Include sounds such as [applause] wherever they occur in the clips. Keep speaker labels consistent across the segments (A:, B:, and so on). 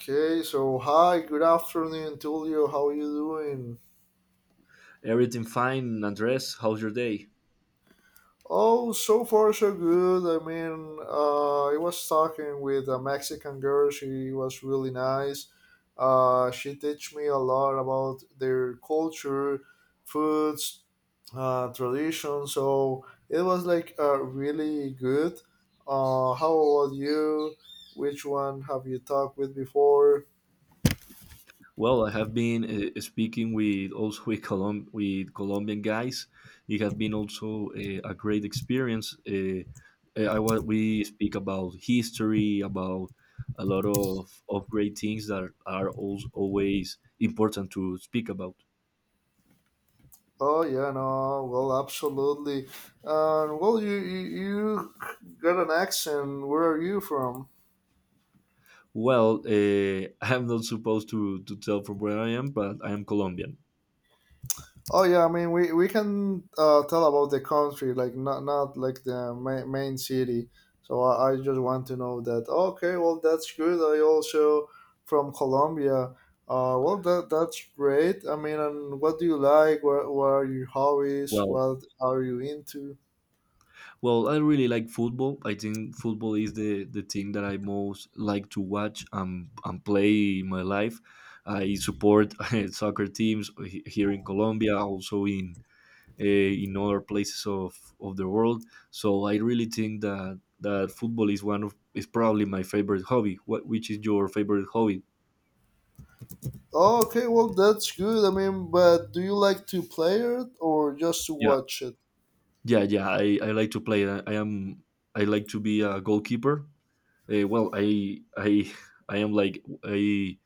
A: Okay, so hi, good afternoon, Tulio. How you doing?
B: Everything fine, Andres. How's your day?
A: Oh, so far so good. I mean, I was talking with a Mexican girl. She was really nice. She teach me a lot about their culture, foods, tradition. So it was like really good. How about you? Which one have you talked with before?
B: Well, I have been speaking with also with, with Colombian guys. It has been also a great experience. We speak about history, about a lot of great things that are also always important to speak about.
A: Oh yeah, no, well, absolutely. Well, you got an accent. Where are you from?
B: Well, [laughs] I'm not supposed to tell from where I am, but I am Colombian.
A: Oh yeah, I mean we can tell about the country, like not like the main city. So I just want to know that. Okay, well that's good. I also from Colombia. Well that's great. I mean, and what do you like? What are your hobbies?
B: Well,
A: What are you into?
B: Well, I really like football. I think football is the thing that I most like to watch and play in my life. I support [laughs] soccer teams here in Colombia, also in other places of the world. So I really think that football is one of is probably my favorite hobby. What which is your favorite hobby?
A: Oh, okay, well that's good. I mean, but do you like to play it or just to
B: Yeah,
A: watch it?
B: yeah, yeah. I, I like to play. I like to be a goalkeeper. Well, I [laughs] I am like I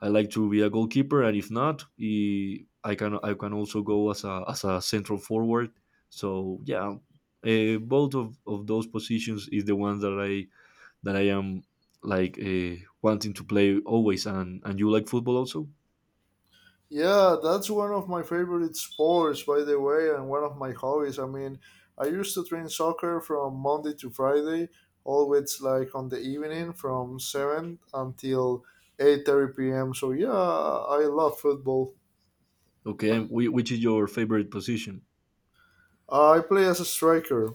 B: I like to be a goalkeeper, and if not, I can also go as a central forward. So yeah, both of those positions is the ones that I am like wanting to play always. And you like football also?
A: Yeah, that's one of my favorite sports, by the way, and one of my hobbies. I mean, I used to train soccer from Monday to Friday, always like on the evening from seven until 8:30 p.m. So yeah, I love football.
B: Okay, and which is your favorite position?
A: I play as a striker.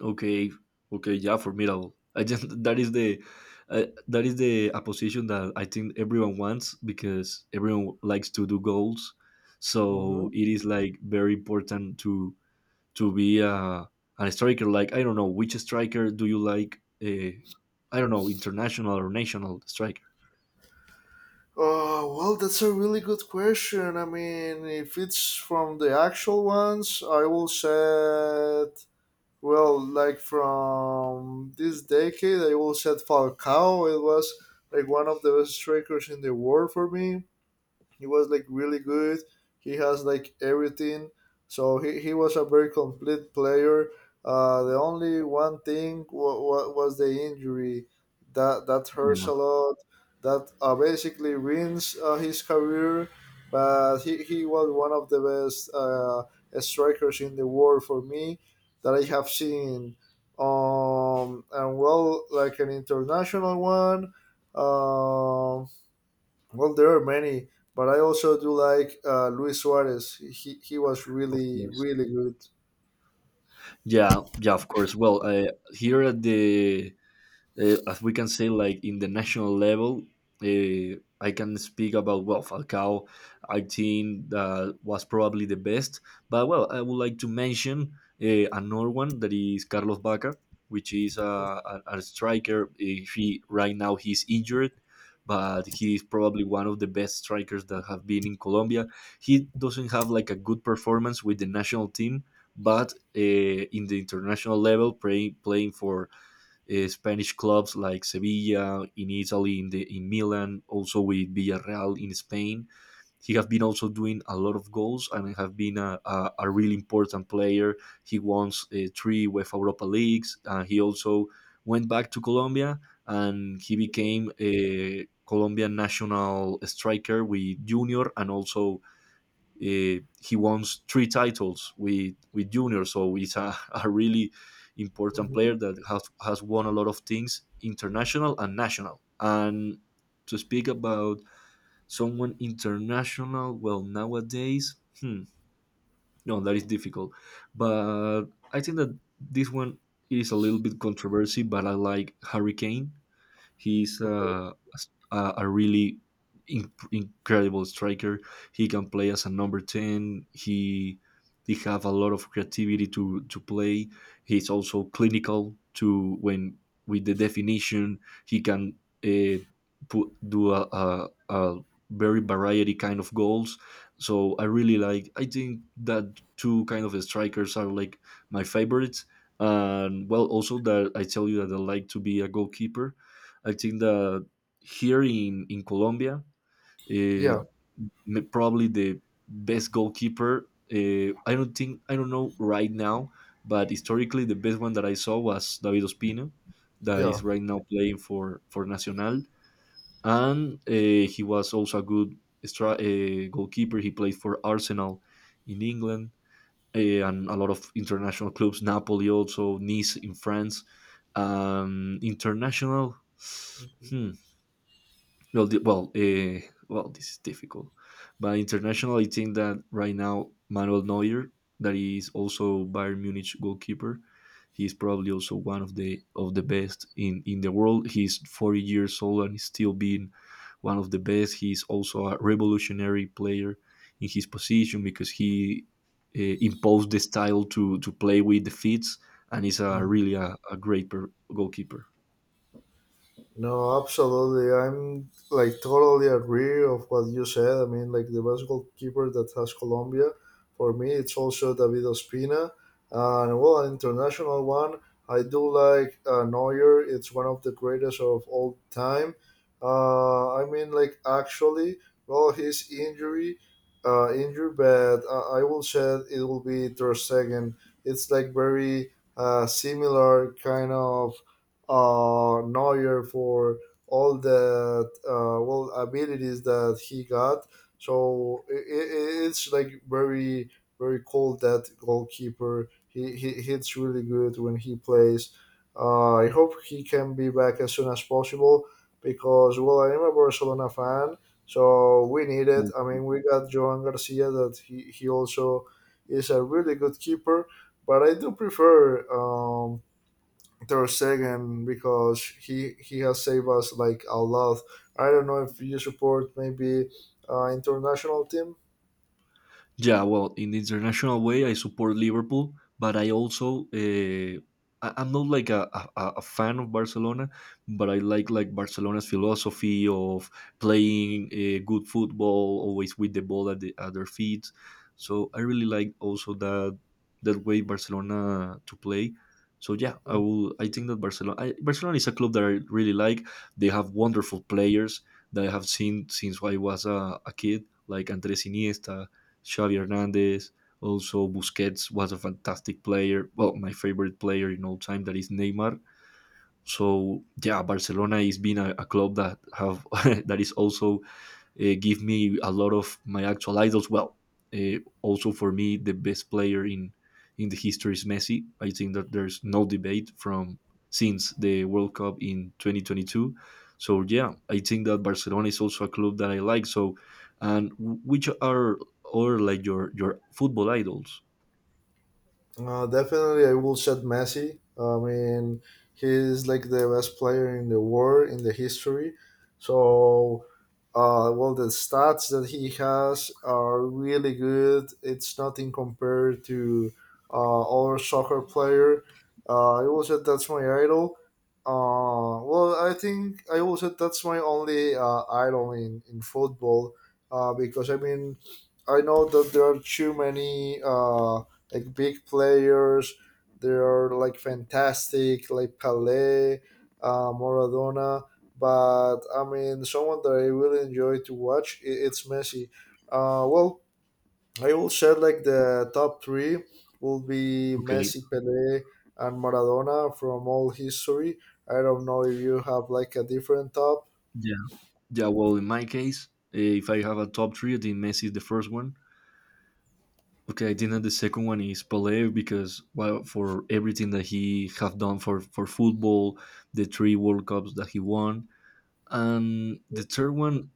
B: Okay, okay, yeah, formidable. I just [laughs] that is the a position that I think everyone wants because everyone likes to do goals. So
A: Mhm.
B: it is like very important to be a striker. Like I don't know which striker do you like? Uh, I don't know international or national striker.
A: Oh well, that's a really good question. I mean, if it's from the actual ones, I will set. Well, like from this decade, I will set Falcao. It was like one of the best strikers in the world for me. He was like really good. He has like everything. So he was a very complete player. The only one thing wa wa was the injury that hurts
B: Yeah,
A: a lot. That basically ruins his career. But he was one of the best strikers in the world for me that I have seen. And well, like an international one. Um, well, there are many, but I also do like Luis Suarez. He was
B: of
A: really
B: course.
A: really good.
B: Yeah, yeah, of course. Well, here at the as we can say, like in the national level, I can speak about well Falcao. I think that was probably the best, but well, I would like to mention another one that is Carlos Bacca, which is a striker. He right now he's injured. But he is probably one of the best strikers that have been in Colombia. He doesn't have like a good performance with the national team, but in the international level, playing for Spanish clubs like Sevilla in Italy, in Milan, also with Villarreal in Spain. He has been also doing a lot of goals and have been a really important player. He won 3 UEFA Europa Leagues. He also went back to Colombia and he became a Colombian national striker with Junior and also he wants 3 titles with junior, so he's [laughs] a really important player
A: Mhm.
B: that has won a lot of things, international and national. And to speak about someone international, well, nowadays, hmm, no, that is difficult. But I think that this one is a little bit controversy, but I like Harry Kane. He's
A: Okay.
B: a really incredible striker. He can play as a number 10. He have a lot of creativity to play. He's also clinical to when with the definition he can uh, put do a very variety kind of goals. So I really like. I think that two kind of strikers are like my favorites. And well, also that I tell you that I like to be a goalkeeper, I think that here in Colombia, uh,
A: Yeah.
B: probably the best goalkeeper. I don't know right now, but historically the best one that I saw was David Ospina, that is
A: Yeah.
B: right now playing for Nacional, and he was also a good goalkeeper. He played for Arsenal in England and a lot of international clubs, Napoli also, Nice in France. International. [sighs] Well, the, well, uh, this is difficult. But international, I think that right now Manuel Neuer, that is also Bayern Munich goalkeeper, he's probably also one of the best in the world. He's 40 years old and he's still being one of the best. He's also a revolutionary player in his position because he imposed the style to play with the feet, and he's a
A: Mhm.
B: really a goalkeeper.
A: No, absolutely. I'm like totally agree of what you said. I mean, like the best goalkeeper that has Colombia, for me, it's also David Ospina. And well, an international one, I do like Neuer. It's one of the greatest of all time. I mean, like actually, well, his injury, injury, but I will say it will be Ter Stegen. It's like very similar kind of Neuer for all the well abilities that he got. So i it's like very very cool that goalkeeper. He hits really good when he plays. I hope he can be back as soon as possible because well I am a Barcelona fan, so we need it. I mean we got Joan Garcia that he also is a really good keeper, but I do prefer um, Ter Stegen because he has saved us like a lot. I don't know if you support maybe international team.
B: Yeah, well, in the international way, I support Liverpool, but I also I'm not like a fan of Barcelona, but I like Barcelona's philosophy of playing good football, always with the ball at their feet. So I really like also that way Barcelona to play. So yeah, I will. I think that Barcelona is a club that I really like. They have wonderful players that I have seen since I was a kid, like Andres Iniesta, Xavi Hernandez. Also, Busquets was a fantastic player. Well, my favorite player in all time, that is Neymar. So yeah, Barcelona is being a club that have [laughs] that is also give me a lot of my actual idols. Well, also for me, the best player in the history is Messi. I think that there's no debate from since the World Cup in 2022. So yeah, I think that Barcelona is also a club that I like. So, and which are or like your football idols?
A: Definitely, I will shout Messi. I mean, he's like the best player in the world in the history. So, well, the stats that he has are really good. It's nothing compared to uh, other soccer player. I will say that's my idol. Well, I think I will say that's my only idol in football. Because I mean, I know that there are too many. Like big players. They are like fantastic, like Pele, Maradona. But I mean, someone that I really enjoy to watch, it's Messi. Well, I will share like the top three will be
B: Okay,
A: Messi, Pele, and Maradona from all history. I don't know if you have like a different top.
B: yeah, yeah. Well, in my case, if I have a top three, I think Messi is the first one. Okay, I think that the second one is Pelé because well, for everything that he have done for football, the three World Cups that he won, and the third one,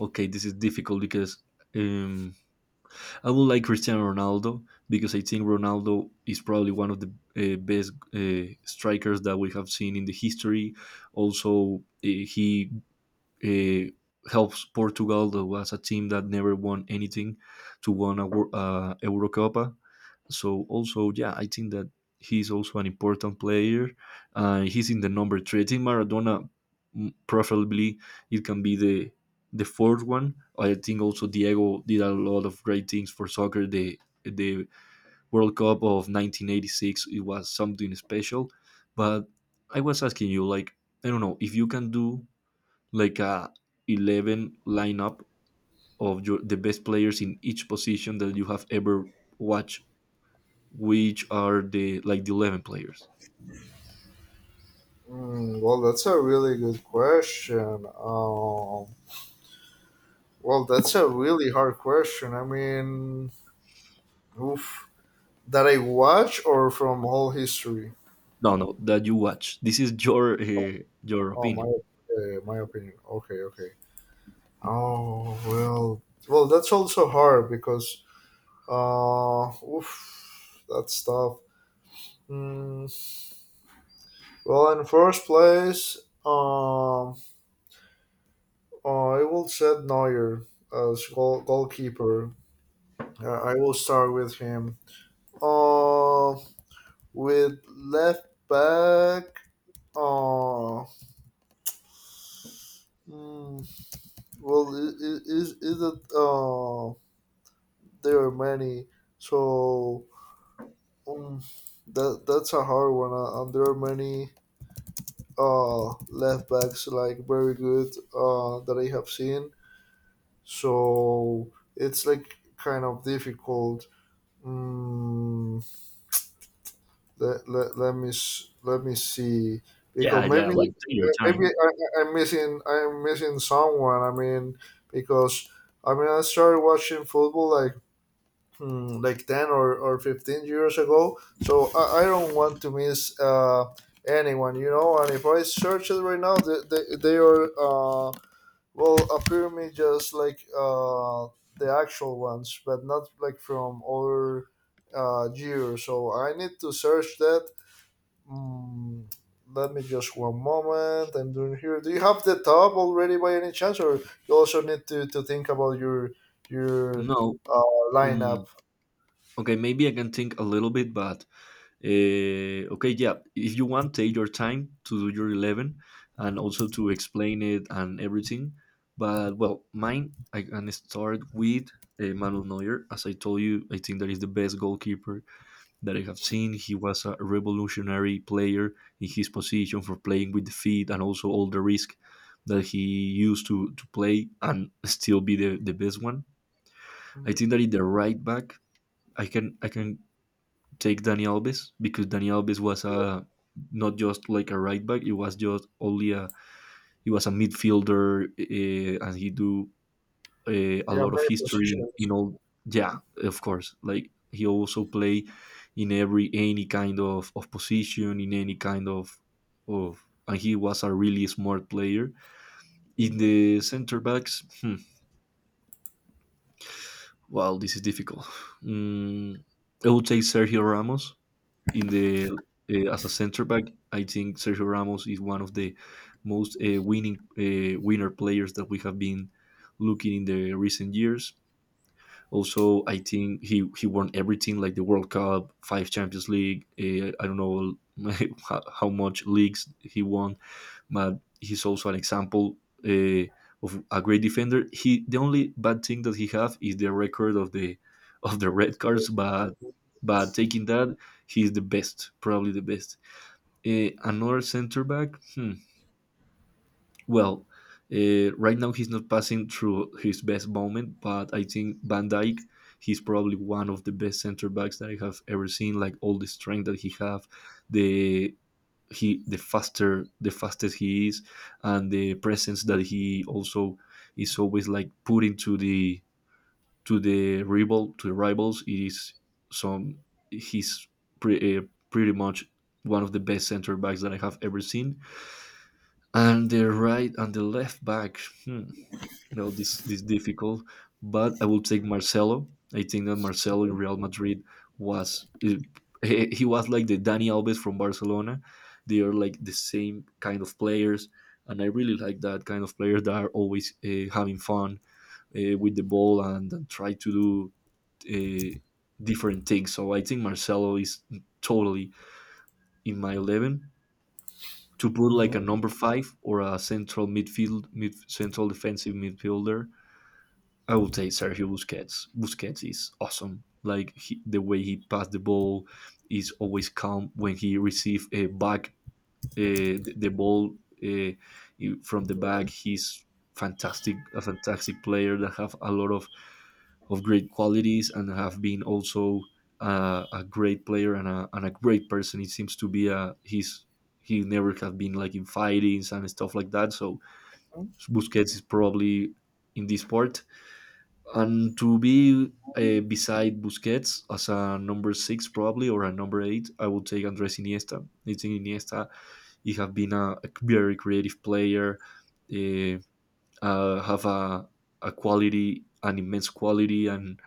B: okay, this is difficult because um, I would like Cristiano Ronaldo because I think Ronaldo is probably one of the best strikers that we have seen in the history. Also, he uh, helps Portugal, that was a team that never won anything, to won Eurocopa, so also, yeah, I think that he's also an important player. He's in the number 3. I think Maradona, preferably, it can be the fourth one. I think also Diego did a lot of great things for soccer. The World Cup of 1986, it was something special. But I was asking you, like, I don't know if you can do like a 11 lineup of your the best players in each position that you have ever watched, which are the like the 11 players.
A: Well, that's a really good question. Um, well, that's a really hard question. I mean, oof. That I watch or from whole history?
B: No, no, that you watch, this is your
A: Oh,
B: opinion.
A: my opinion. Okay, okay. Oh well, well that's also hard because oof, that's tough. Mm, well, in first place, um, I will set Neuer as goalkeeper. I will start with him. Uh, with left back. Uh, mm, well, is it There are many, so um, that's a hard one. And there are many left backs like very good that I have seen. So it's like kind of difficult. Mm, let, let, let me s- let me see
B: Yeah,
A: because
B: yeah,
A: maybe
B: like take your
A: maybe
B: time.
A: I'm missing someone. I mean because I mean I started watching football like like 10 or 15 years ago. So I don't want to miss anyone, you know. And if I search it right now, they are, well, appear me just like the actual ones, but not like from other years. So I need to search that. Mm, Let me just one moment. I'm doing here. Do you have the top already by any chance, or you also need to think about your
B: No,
A: uh, lineup?
B: um, okay, maybe I can think a little bit, but okay, yeah, if you want, take your time to do your 11 and also to explain it and everything, but well, mine I can start with Manuel Neuer. As I told you, I think that is the best goalkeeper that I have seen. He was a revolutionary player in his position for playing with the feet and also all the risk that he used to play and still be the best one. I
A: Hmm.
B: think that in the right back, I can take Dani Alves because Dani Alves was a not just like a right back. It was just only a he was a midfielder and he do a
A: Yeah,
B: lot of
A: many
B: history
A: positions.
B: in all. Yeah, of course. Like he also play in every any kind of position in any kind of of and he was a really smart player in
A: Mm-hmm.
B: the center backs. Wow, this is difficult. mm, I would say Sergio Ramos in the as a center back. I think Sergio Ramos is one of the most winning winner players that we have been looking in the recent years. Also, I think he won everything like the World Cup, 5 Champions League. I don't know [laughs] how much leagues he won, but he's also an example uh, of a great defender. He the only bad thing that he have is the record of the red cards, but taking that, he's the best, probably the best. Another center back. Hmm. Well, right now he's not passing through his best moment, but I think Van Dijk, he's probably one of the best center backs that I have ever seen. Like all the strength that he have, the the faster the fastest he is, and the presence that he also is always like putting to the rival to the rivals is some he's pre, uh, pretty much one of the best center backs that I have ever seen. And the right and the left back. Hmm, no, this difficult, but I will take Marcelo. I think that Marcelo in Real Madrid was he was like the Dani Alves from Barcelona. They are like the same kind of players, and I really like that kind of players that are always having fun with the ball and try to do different things. So I think Marcelo is totally in my 11 to put
A: Mm-hmm.
B: like a number five or a central midfield, mid central defensive midfielder. I would say Sergio Busquets. Busquets is awesome. Like the way he passed the ball is always calm when he receive a back the ball uh, from the back. He's fantastic, a fantastic player that have a lot of great qualities and have been also a great player and and a great person. It seems to be a he's he never have been like in fightings and stuff like that. So Busquets is probably in this part. And to be beside Busquets as a number six probably or a number eight, I would take Andres Iniesta. I think Iniesta, he have been a very creative player, uh, have a quality, an immense quality, and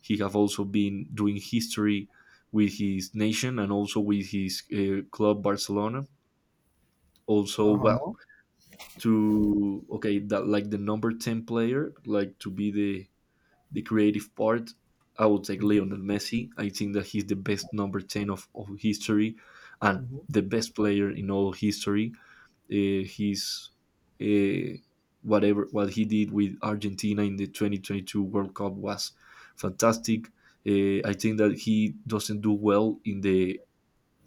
B: he have also been doing history with his nation and also with his club Barcelona. Also, well,
A: Uh-huh.
B: to okay that like the number ten player, like to be the creative part, I would take Lionel Messi. I think that he's the best number 10 of history and
A: Mm-hmm.
B: the best player in all history. He's uh, Whatever what he did with Argentina in the 2022 World Cup was fantastic. I think that he doesn't do well in the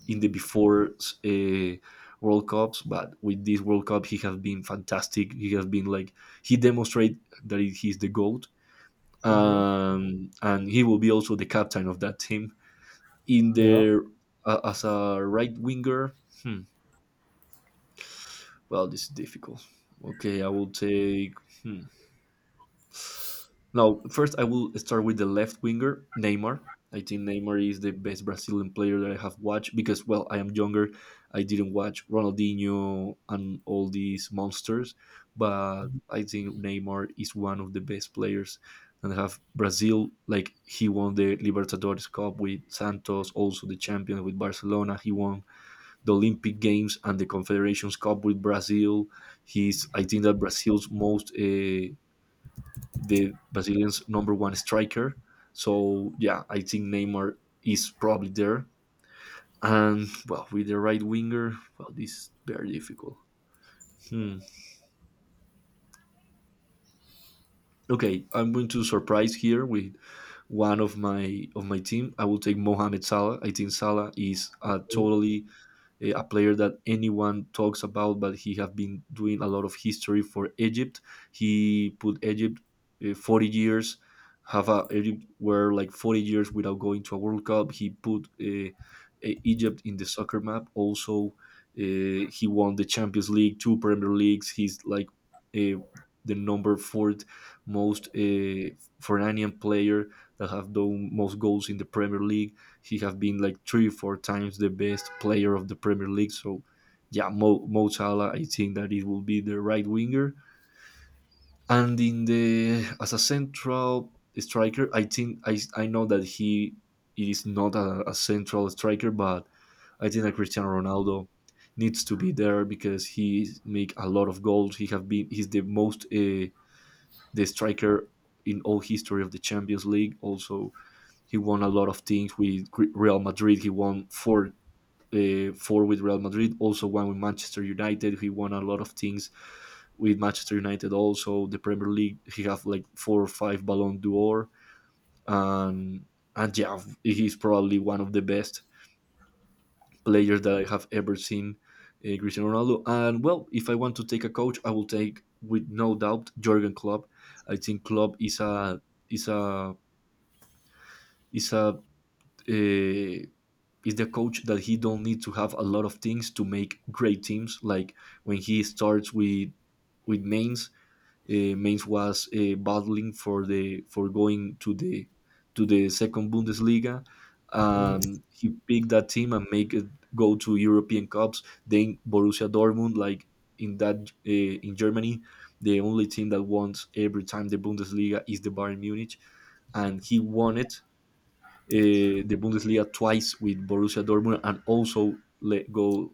B: in the before uh, World Cups, but with this World Cup he has been fantastic. He has been like he demonstrated that he's the goat,
A: Mm-hmm.
B: and he will be also the captain of that team. In
A: Yeah.
B: there as a right winger, hmm, well, this is difficult. Okay, I will take. hmm, Now, first I will start with the left winger, Neymar. I think Neymar is the best Brazilian player that I have watched because, well, I am younger. I didn't watch Ronaldinho and all these monsters, but I think Neymar is one of the best players and have Brazil. Like he won the Libertadores Cup with Santos, also the champion with Barcelona. He won the Olympic Games and the Confederations Cup with Brazil. He's, I think, that Brazil's most. The Brazilians' number one striker. So yeah, I think Neymar is probably there. And well, with the right winger, well, this is very difficult. Hmm. Okay, I'm going to surprise here with one of my team. I will take Mohamed Salah. I think Salah is a totally a player that anyone talks about, but he have been doing a lot of history for Egypt. He put Egypt, 40 years, Egypt were like 40 years without going to a World Cup. He put Egypt in the soccer map. Also, he won the Champions League, two Premier Leagues. He's like uh, the number fourth most Ferranian player that have done most goals in the Premier League. He has been like three, four times the best player of the Premier League. So, yeah, Mo Salah, I think that it will be the right winger. And in the as a central striker, I think I know that he it is not a central striker, but I think that Cristiano Ronaldo needs to be there because he make a lot of goals. He have been He's the most the striker in all history of the Champions League. Also, he won a lot of things with Real Madrid. He won four with Real Madrid, also one with Manchester United. He won a lot of things with Manchester United. Also, the Premier League, he have like four or five Ballon d'Or, and and yeah, he's probably one of the best players that I have ever seen, Cristiano Ronaldo. And well, if I want to take a coach, I will take with no doubt Jurgen Klopp. I think Klopp is a is a uh, is the coach that he don't need to have a lot of things to make great teams. Like when he starts with Mainz, Mainz was battling for the for going to the second Bundesliga.
A: Mm-hmm.
B: He picked that team and make it go to European Cups. Then Borussia Dortmund, like in that in Germany, the only team that wants every time the Bundesliga is the Bayern Munich, and he won it, the Bundesliga twice with Borussia Dortmund and also let go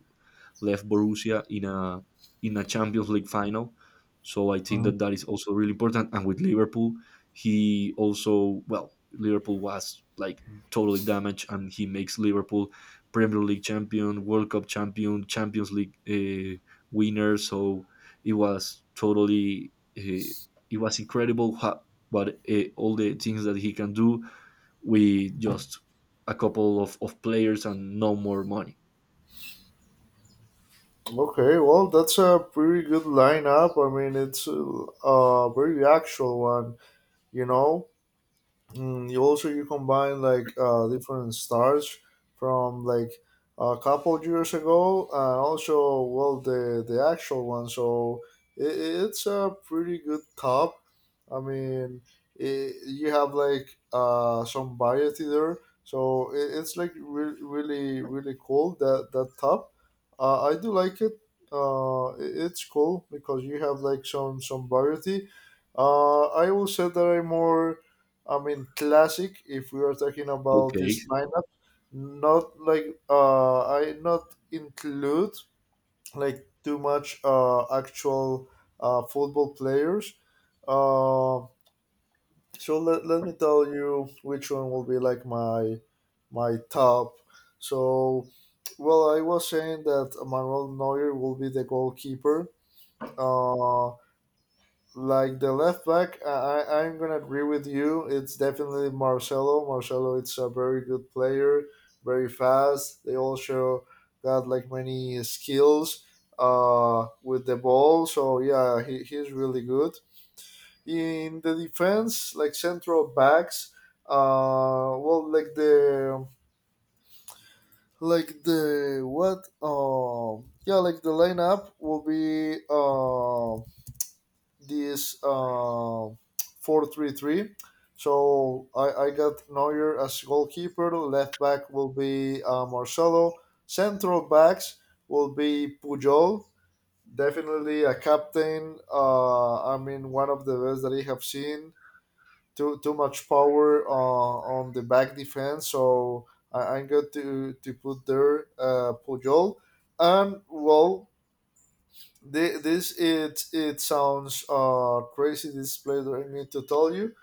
B: left Borussia in a Champions League final. So I think
A: Um,
B: that that is also really important. And with Liverpool, he also well Liverpool was like totally damaged, and he makes Liverpool Premier League champion, World Cup champion, Champions League winner. So it was totally uh, it was incredible. But all the things that he can do, with just a couple of players and no more money.
A: okay, well, that's a pretty good lineup. I mean, it's a very actual one, you know. You also you combine like different stars from like a couple years ago and also well the actual one so it, it's a pretty good top I mean it, you have like some variety there so it, it's like really really cool that that top I do like it it's cool because you have like some variety I will say that I'm more I mean, classic. If we are talking about
B: Okay,
A: this lineup, not like I not include like too much actual football players. Uh, so let, let me tell you which one will be like my top. So, well, I was saying that Manuel Neuer will be the goalkeeper. Uh, like the left back, I'm gonna agree with you. It's definitely Marcelo. Marcelo, it's a very good player, very fast. They also got like many skills with the ball. So yeah, he's really good in the defense. Like central backs, well, like the what? Yeah, like the lineup will be. This 4-3-3, So I got Neuer as goalkeeper. Left back will be Marcelo. Central backs will be Pujol. Definitely a captain. I mean, one of the best that I have seen. Too much power on the back defense. So I'm going to put there Pujol. And, well, This it sounds crazy. This player I need to tell you,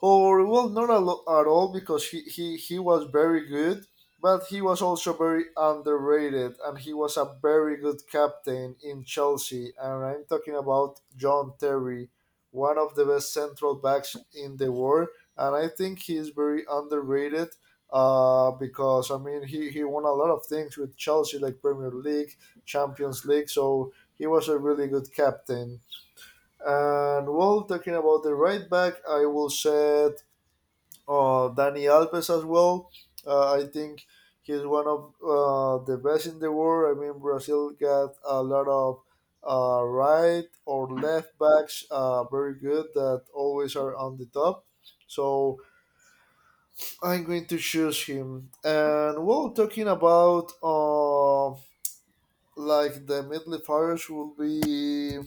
A: or well, not a lo- at all because he was very good, but he was also very underrated and he was a very good captain in Chelsea. And I'm talking about John Terry, one of the best central backs in the world. And I think he is very underrated because, I mean, he won a lot of things with Chelsea, like Premier League, Champions League. So he was a really good captain. And well, talking about the right back, I will say Dani Alves as well. I think he's one of the best in the world. I mean, Brazil got a lot of right or left backs, very good that always are on the top. So I'm going to choose him. And well, talking about like the midfielders will be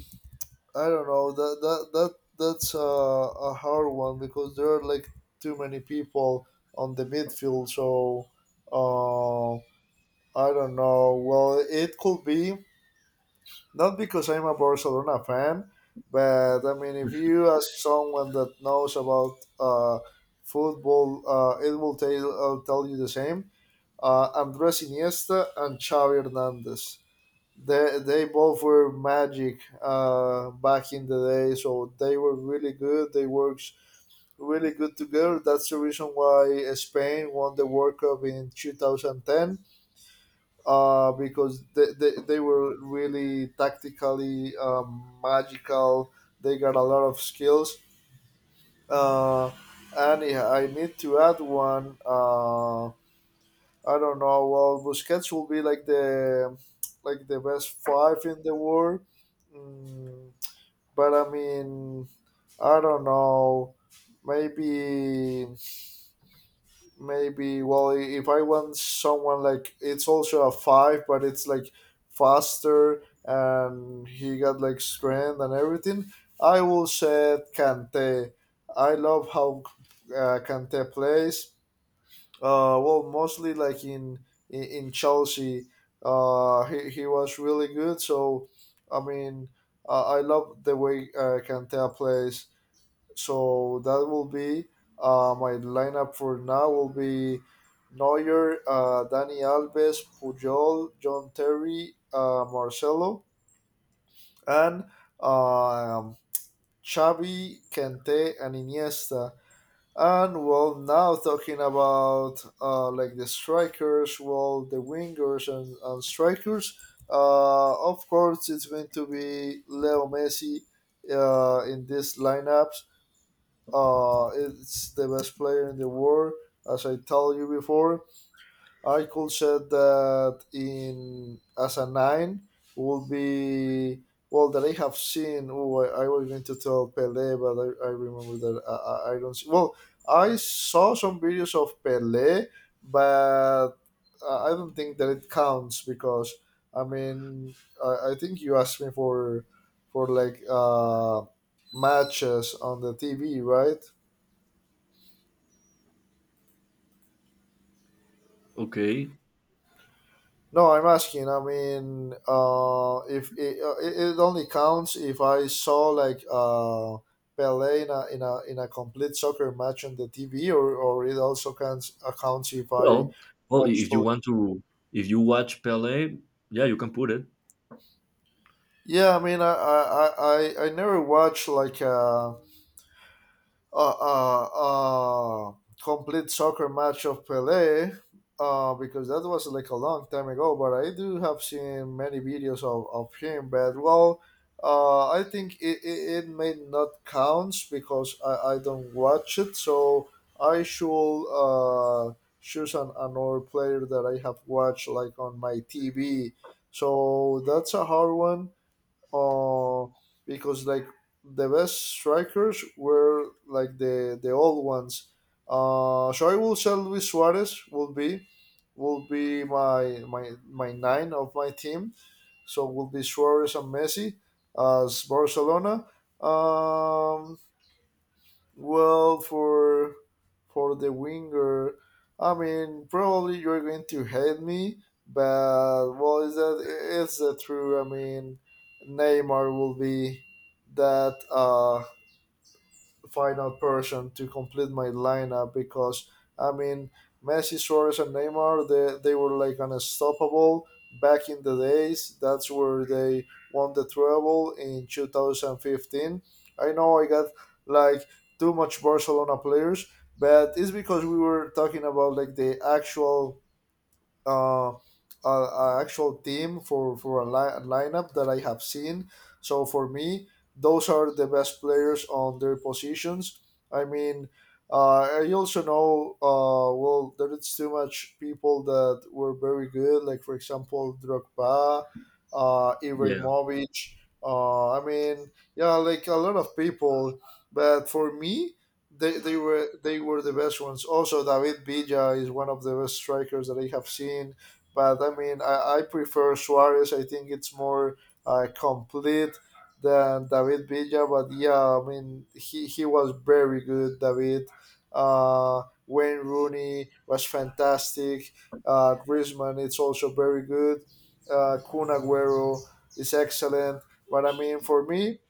A: I don't know that's a hard one because there are like too many people on the midfield. So uh, I don't know. Well, it could be not because I'm a Barcelona fan, but I mean, if you ask someone that knows about football, it will tell tell you the same. Andres Iniesta and Xavi Hernandez. They both were magic back in the day, so they were really good. They worked really good together. That's the reason why Spain won the World Cup in 2010 because they were really tactically magical. They got a lot of skills. Uh, and I need to add one. I don't know. Well, Busquets will be like the best five in the world. Mm, but I mean, I don't know. Maybe, maybe. Well, if I want someone like it's also a five, but it's like faster and he got like strength and everything. I will say Kante. I love how Kante plays well, mostly like in Chelsea, he was really good. So, I mean, I love the way Kantea plays. So that will be my lineup for now. Will be Neuer, Dani Alves, Pujol, John Terry, Marcelo, and um, Xavi, Kante, and Iniesta. And well, now talking about like the strikers, well, the wingers and strikers. Of course, it's going to be Leo Messi in these lineups. It's the best player in the world, as I told you before. I could say that in as a nine would be well that I have seen. Oh, I was going to tell Pele, but I remember that I don't. See, well, I saw some videos of Pele, but I don't think that it counts because I mean, I think you asked me for for like matches on the TV, right?
B: okay.
A: No, I'm asking. I mean, if it, it only counts if I saw like Pele in a, in a complete soccer match on the TV, or it also counts accounts if I
B: Well, well,
A: watch
B: if you
A: Pele.
B: want to, if you watch Pele, yeah, you can put it.
A: Yeah, I mean, I never watched like. Uh, uh, uh, complete soccer match of Pele because that was like a long time ago. But I do have seen many videos of him. But well, I think it may not count because I don't watch it. So I should choose an, another player that I have watched like on my TV. So that's a hard one uh, because like the best strikers were like the old ones. So I will say Luis Suarez will be my nine of my team. So will be Suarez and Messi as Barcelona. Um, well, for the winger, I mean, probably you're going to hate me, but well, is that true? I mean, Neymar will be that. Final person to complete my lineup because I mean Messi, Suarez, and Neymar they were like unstoppable back in the days. That's where they won the treble in 2015. I know I got like too much Barcelona players, but it's because we were talking about like the actual uh, a actual team for a, a lineup that I have seen. So for me, those are the best players on their positions. I mean, I also know well there is too much people that were very good. Like for example, Drogba,
B: Yeah,
A: Ibrahimovic. I mean, yeah, like a lot of people. But for me they were the best ones. Also, David Villa is one of the best strikers that I have seen. But I mean, I prefer Suarez. I think it's more complete than David Villa. But yeah, I mean, he was very good. David Wayne Rooney was fantastic. Griezmann, it's also very good. Kun Agüero is excellent. But I mean, for me,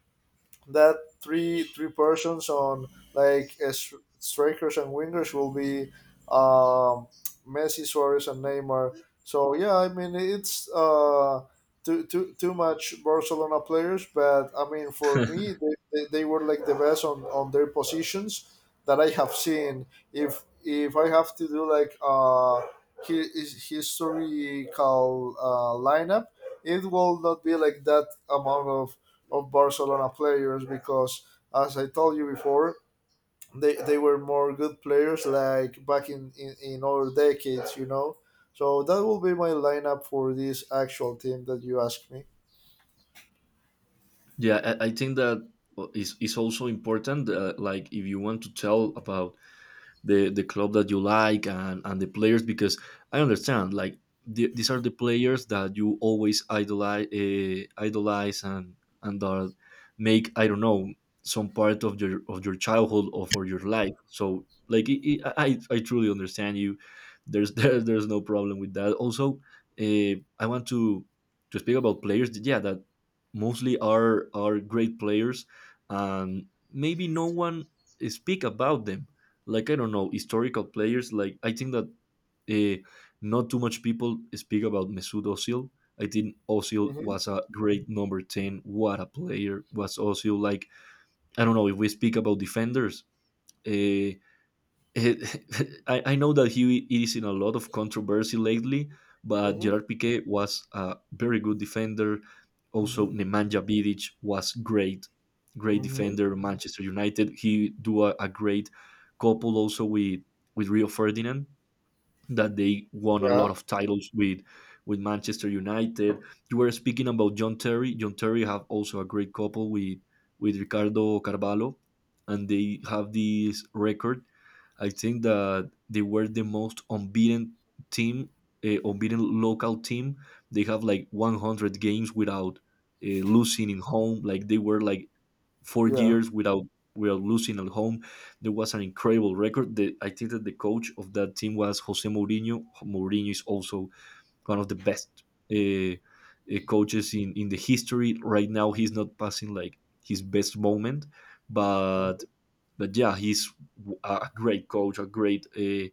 A: that three persons on like strikers and wingers will be um, Messi, Suarez, and Neymar. So yeah, I mean it's too much Barcelona players, but I mean for me they were like the best on their positions that I have seen. If I have to do like his historical lineup, it will not be like that amount of Barcelona players because, as I told you before, they were more good players like back in other decades, you know. So that will be my lineup for this actual team that you asked me.
B: yeah. I think that is also important. Like, if you want to tell about the club that you like and the players because I understand like these are the players that you always idolize and that make I don't know some part of your childhood or for your life, so like it, I truly understand you. There's [laughs] there's no problem with that. Also I want to speak about players yeah that mostly are great players and maybe no one speak about them like I don't know historical players. Like I think that uh, not too much people speak about Mesut Ozil. I think Ozil
A: Hmm.
B: was a great number ten. What a player was Ozil! Like I don't know if we speak about defenders. Uh, [laughs] I know that he is in a lot of controversy lately, but
A: Hmm.
B: Gerard Piqué was a very good defender. Also,
A: Hmm.
B: Nemanja Vidic was great, great
A: Hmm.
B: defender. Manchester United, a great couple also with Rio Ferdinand that they won a lot
A: Yeah,
B: of titles with Manchester United. You were speaking about John Terry. John Terry have also a great couple with Ricardo Carvalho, and they have this record. I think that they were the most unbeaten team, unbeaten local team. They have like 100 games without losing in home. Like they were like four
A: yeah.
B: years without without losing at home. There was an incredible record. I think that the coach of that team was Jose Mourinho. Mourinho is also one of the best uh, coaches in the history. Right now, he's not passing like his best moment, but but yeah, he's a great coach, a great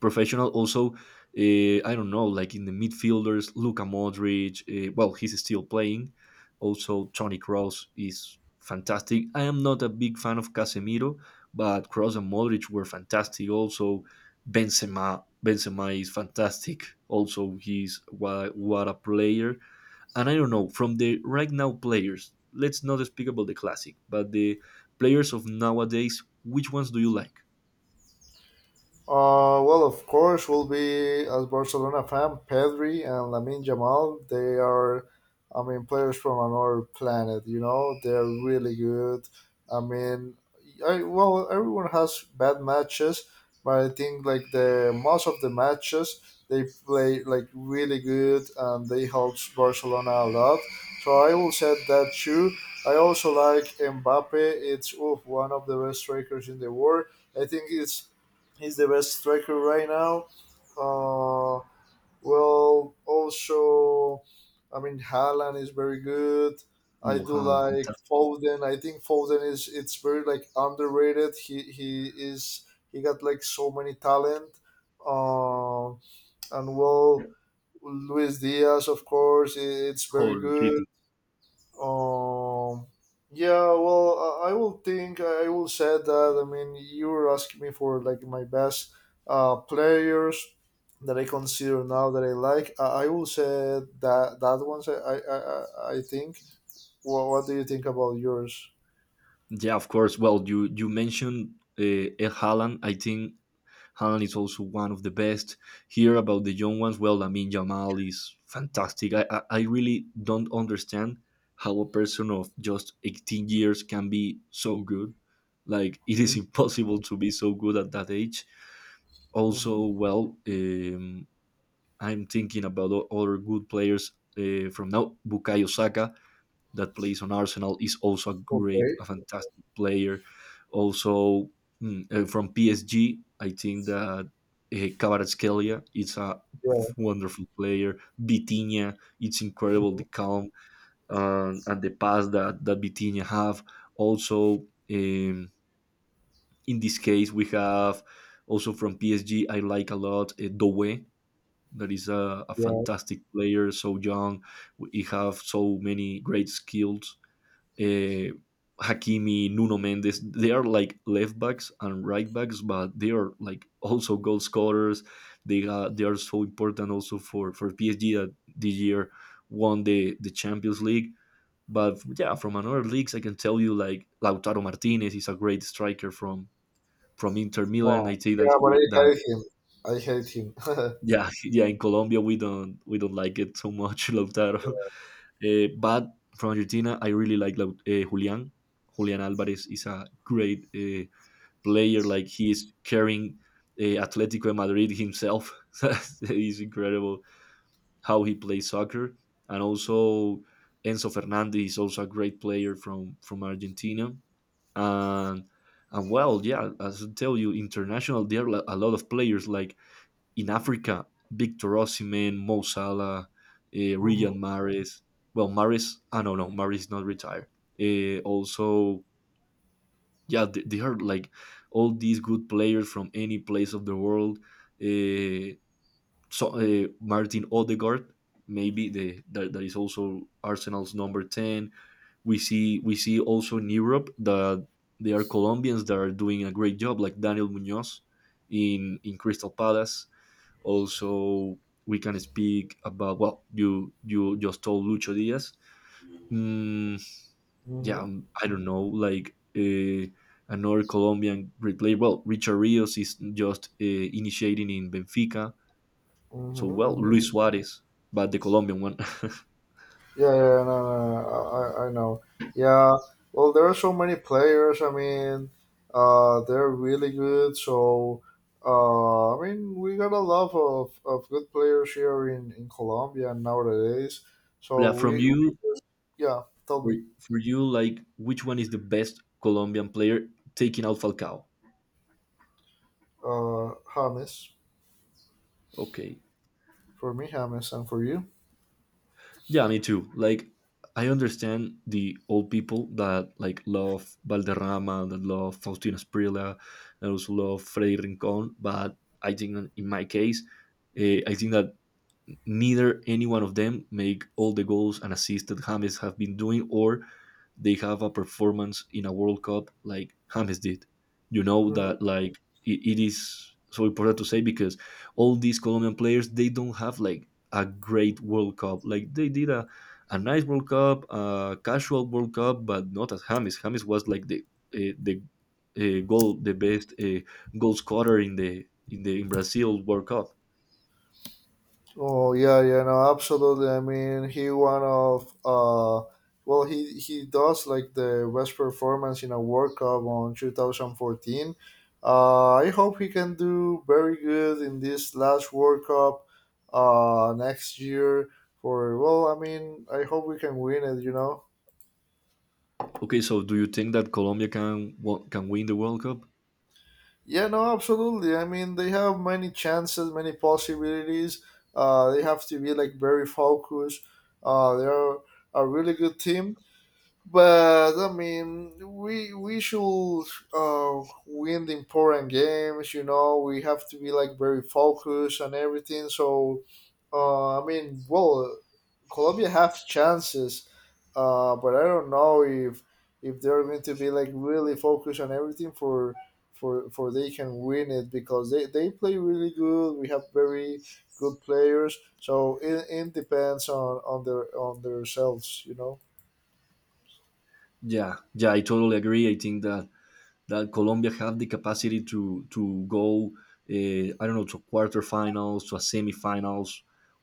B: professional. Also, I don't know, like in the midfielders, Luka Modric. Well, he's still playing. Also, Toni Kroos is fantastic. I am not a big fan of Casemiro, but Kroos and Modric were fantastic. Also, Benzema. Benzema is fantastic. Also, he's what a player. And I don't know from the right now players. Let's not speak about the classic, but the players of nowadays. Which ones do you like?
A: Well, of course, will be as Barcelona fan, Pedri and Lamin Jamal. They are, I mean, players from another planet. You know, they're really good. I mean, I, well, everyone has bad matches, but I think like the most of the matches they play like really good and they helps Barcelona a lot. So I will say that too. I also like Mbappe. It's oof, one of the best strikers in the world. I think it's he's the best striker right now. Uh, well, also, I mean, Haaland is very good. I
B: Oh,
A: do like
B: fantastic!
A: Foden. I think Foden is it's very like underrated. He is he got like so many talent. Uh, and well, Luis Diaz, of course, it's very
B: Holy shit.
A: good. Um, yeah, well, I will say that. I mean, you were asking me for like my best players that I consider now that I like. I will say that that one's I think. What do you think about yours?
B: Yeah, of course. Well, you mentioned uh, Ed Haaland. I think Haaland is also one of the best. Here about the young ones, well, I mean Jamal is fantastic. I really don't understand how a person of just 18 years can be so good. Like it is [laughs] impossible to be so good at that age.
A: Mm-hmm.
B: Also, well, I'm thinking about other good players from now. Bukayo Saka that plays on Arsenal is also a great,
A: Okay.
B: a fantastic player. Also from PSG, I think that Kvaratskhelia is a
A: Yeah.
B: wonderful player. Vitinha, it's incredible
A: Hmm.
B: the calm and the pass that that Vitinha have. Also, in this case, we have also from PSG. I like a lot Doué. That is a
A: Yeah.
B: fantastic player, so young. He have so many great skills, uh, Hakimi, Nuno Mendes. They are like left backs and right backs, but they are like also goal scorers. They are so important also for PSG that this year won the Champions League. But yeah, from another leagues, I can tell you like Lautaro Martinez is a great striker from Inter Milan. I
A: Wow.
B: think that
A: Yeah, but
B: here
A: I
B: that
A: hate him. I hate him. [laughs]
B: yeah [laughs] yeah in Colombia we don't like it so much [laughs] Lautaro. But from Argentina, I really like Julian Alvarez is a great player. Like he is carrying Atletico de Madrid himself. [laughs] It's incredible how he plays soccer. And also Enzo Fernandez is also a great player from Argentina. And and well, yeah, as I tell you, international there are a lot of players like in Africa, Victor Osimhen, Mo Salah,
A: Hmm.
B: Riyad Mahrez. Well, Mahrez, no, Mahrez is not retired. Also, yeah, they are like all these good players from any place of the world. Uh, Martin Odegaard, maybe that is also Arsenal's number ten. We see also in Europe that there are Colombians that are doing a great job, like Daniel Munoz in Crystal Palace. Also, we can speak about well, you just told Lucho Diaz. Mm, yeah,
A: Hmm.
B: I don't know, like another Colombian great player. Well, Richard Rios is just initiating in Benfica. So well,
A: Hmm.
B: Luis Suarez, but the Colombian one. [laughs]
A: Yeah, yeah, yeah, no, no, no, I know. Yeah, well, there are so many players. I mean, they're really good. So, I mean, we got a lot of good players here in Colombia nowadays.
B: Yeah,
A: So
B: from
A: we
B: you
A: yeah, tell
B: for,
A: me,
B: for you, like which one is the best Colombian player taking out Falcao?
A: James,
B: Okay.
A: for me, James, and for you.
B: Yeah, me too. Like, I understand the old people that like love Valderrama, that love Faustina Sprilla, that also love Freddy Rincon. But I think in my case, I think that neither any one of them make all the goals and assists that James have been doing, or they have a performance in a World Cup like James did. You know
A: Mm-hmm.
B: that like it is so important to say because all these Colombian players they don't have like a great World Cup. Like they did a nice World Cup, a casual World Cup, but not as James. James was like uh, the the best goal scorer in the in the in Brazil World Cup.
A: Oh yeah, yeah, no, absolutely. I mean, he one of well, he does like the best performance in a World Cup on 2014. I hope he can do very good in this last World Cup next year. For well, I mean, I hope we can win it. You know.
B: Okay, so do you think that Colombia can can win the World Cup?
A: Yeah, no, absolutely. I mean, they have many chances, many possibilities. They have to be like very focused. They are a really good team but I mean, we should win the important games. You know, we have to be like very focused and everything. So, I mean, well, Colombia have chances, but I don't know if they're going to be like really focused on everything for for they can win it because they play really good. We have very good players, so it depends on their on themselves. You know.
B: Yeah, yeah, I totally agree. I think that Colombia have the capacity to go. I don't know, to quarterfinals, to a semifinals.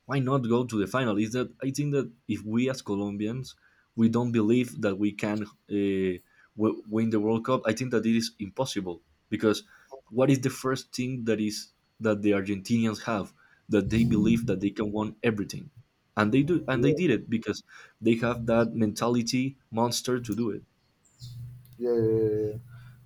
B: Why not go to the final? Is that I think that if we as Colombians we don't believe that we can win the World Cup, I think that it is impossible because what is the first thing that is that the Argentinians have that they believe that they can win everything, and they do, and they did it because they have that mentality monster to do it.
A: Yeah, yeah, yeah. Yeah, yeah.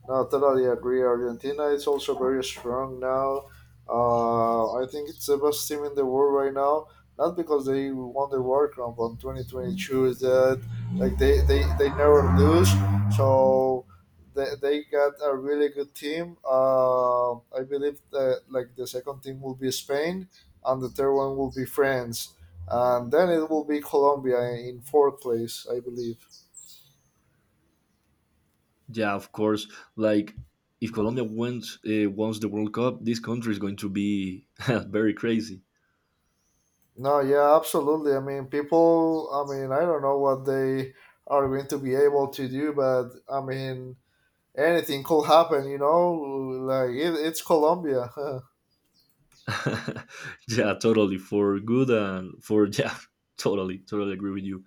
A: No, totally agree. Argentina is also very strong now. I think it's the best team in the world right now. Not because they won the World Cup on 2022, is that like they never lose. So they got a really good team. I believe that like the second team will be Spain, and the third one will be France, and then it will be Colombia in fourth place, I believe.
B: Yeah, of course. Like if Colombia wins wants the World Cup, this country is going to be [laughs] very crazy.
A: No, yeah, absolutely. I mean, people, I mean, I don't know what they are going to be able to do, but I mean, anything could happen, you know? Like, it, it's Colombia. [laughs]
B: [laughs] Yeah, totally. For good and for [laughs] yeah, totally, totally agree with you.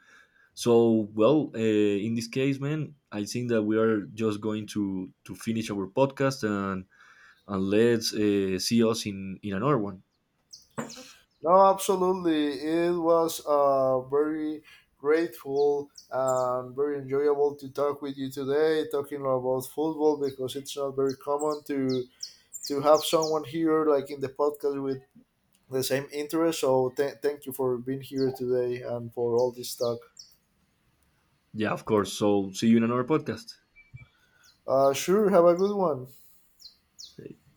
B: So well, in this case, man, I think that we are just going to finish our podcast and let's see us in another one.
A: No, absolutely. It was very grateful and very enjoyable to talk with you today, talking about football because it's not very common to have someone here, like in the podcast, with the same interest. So, thank you for being here today and for all this talk.
B: Yeah, of course. So see you in another podcast.
A: Sure. Have a good one.
B: Hey.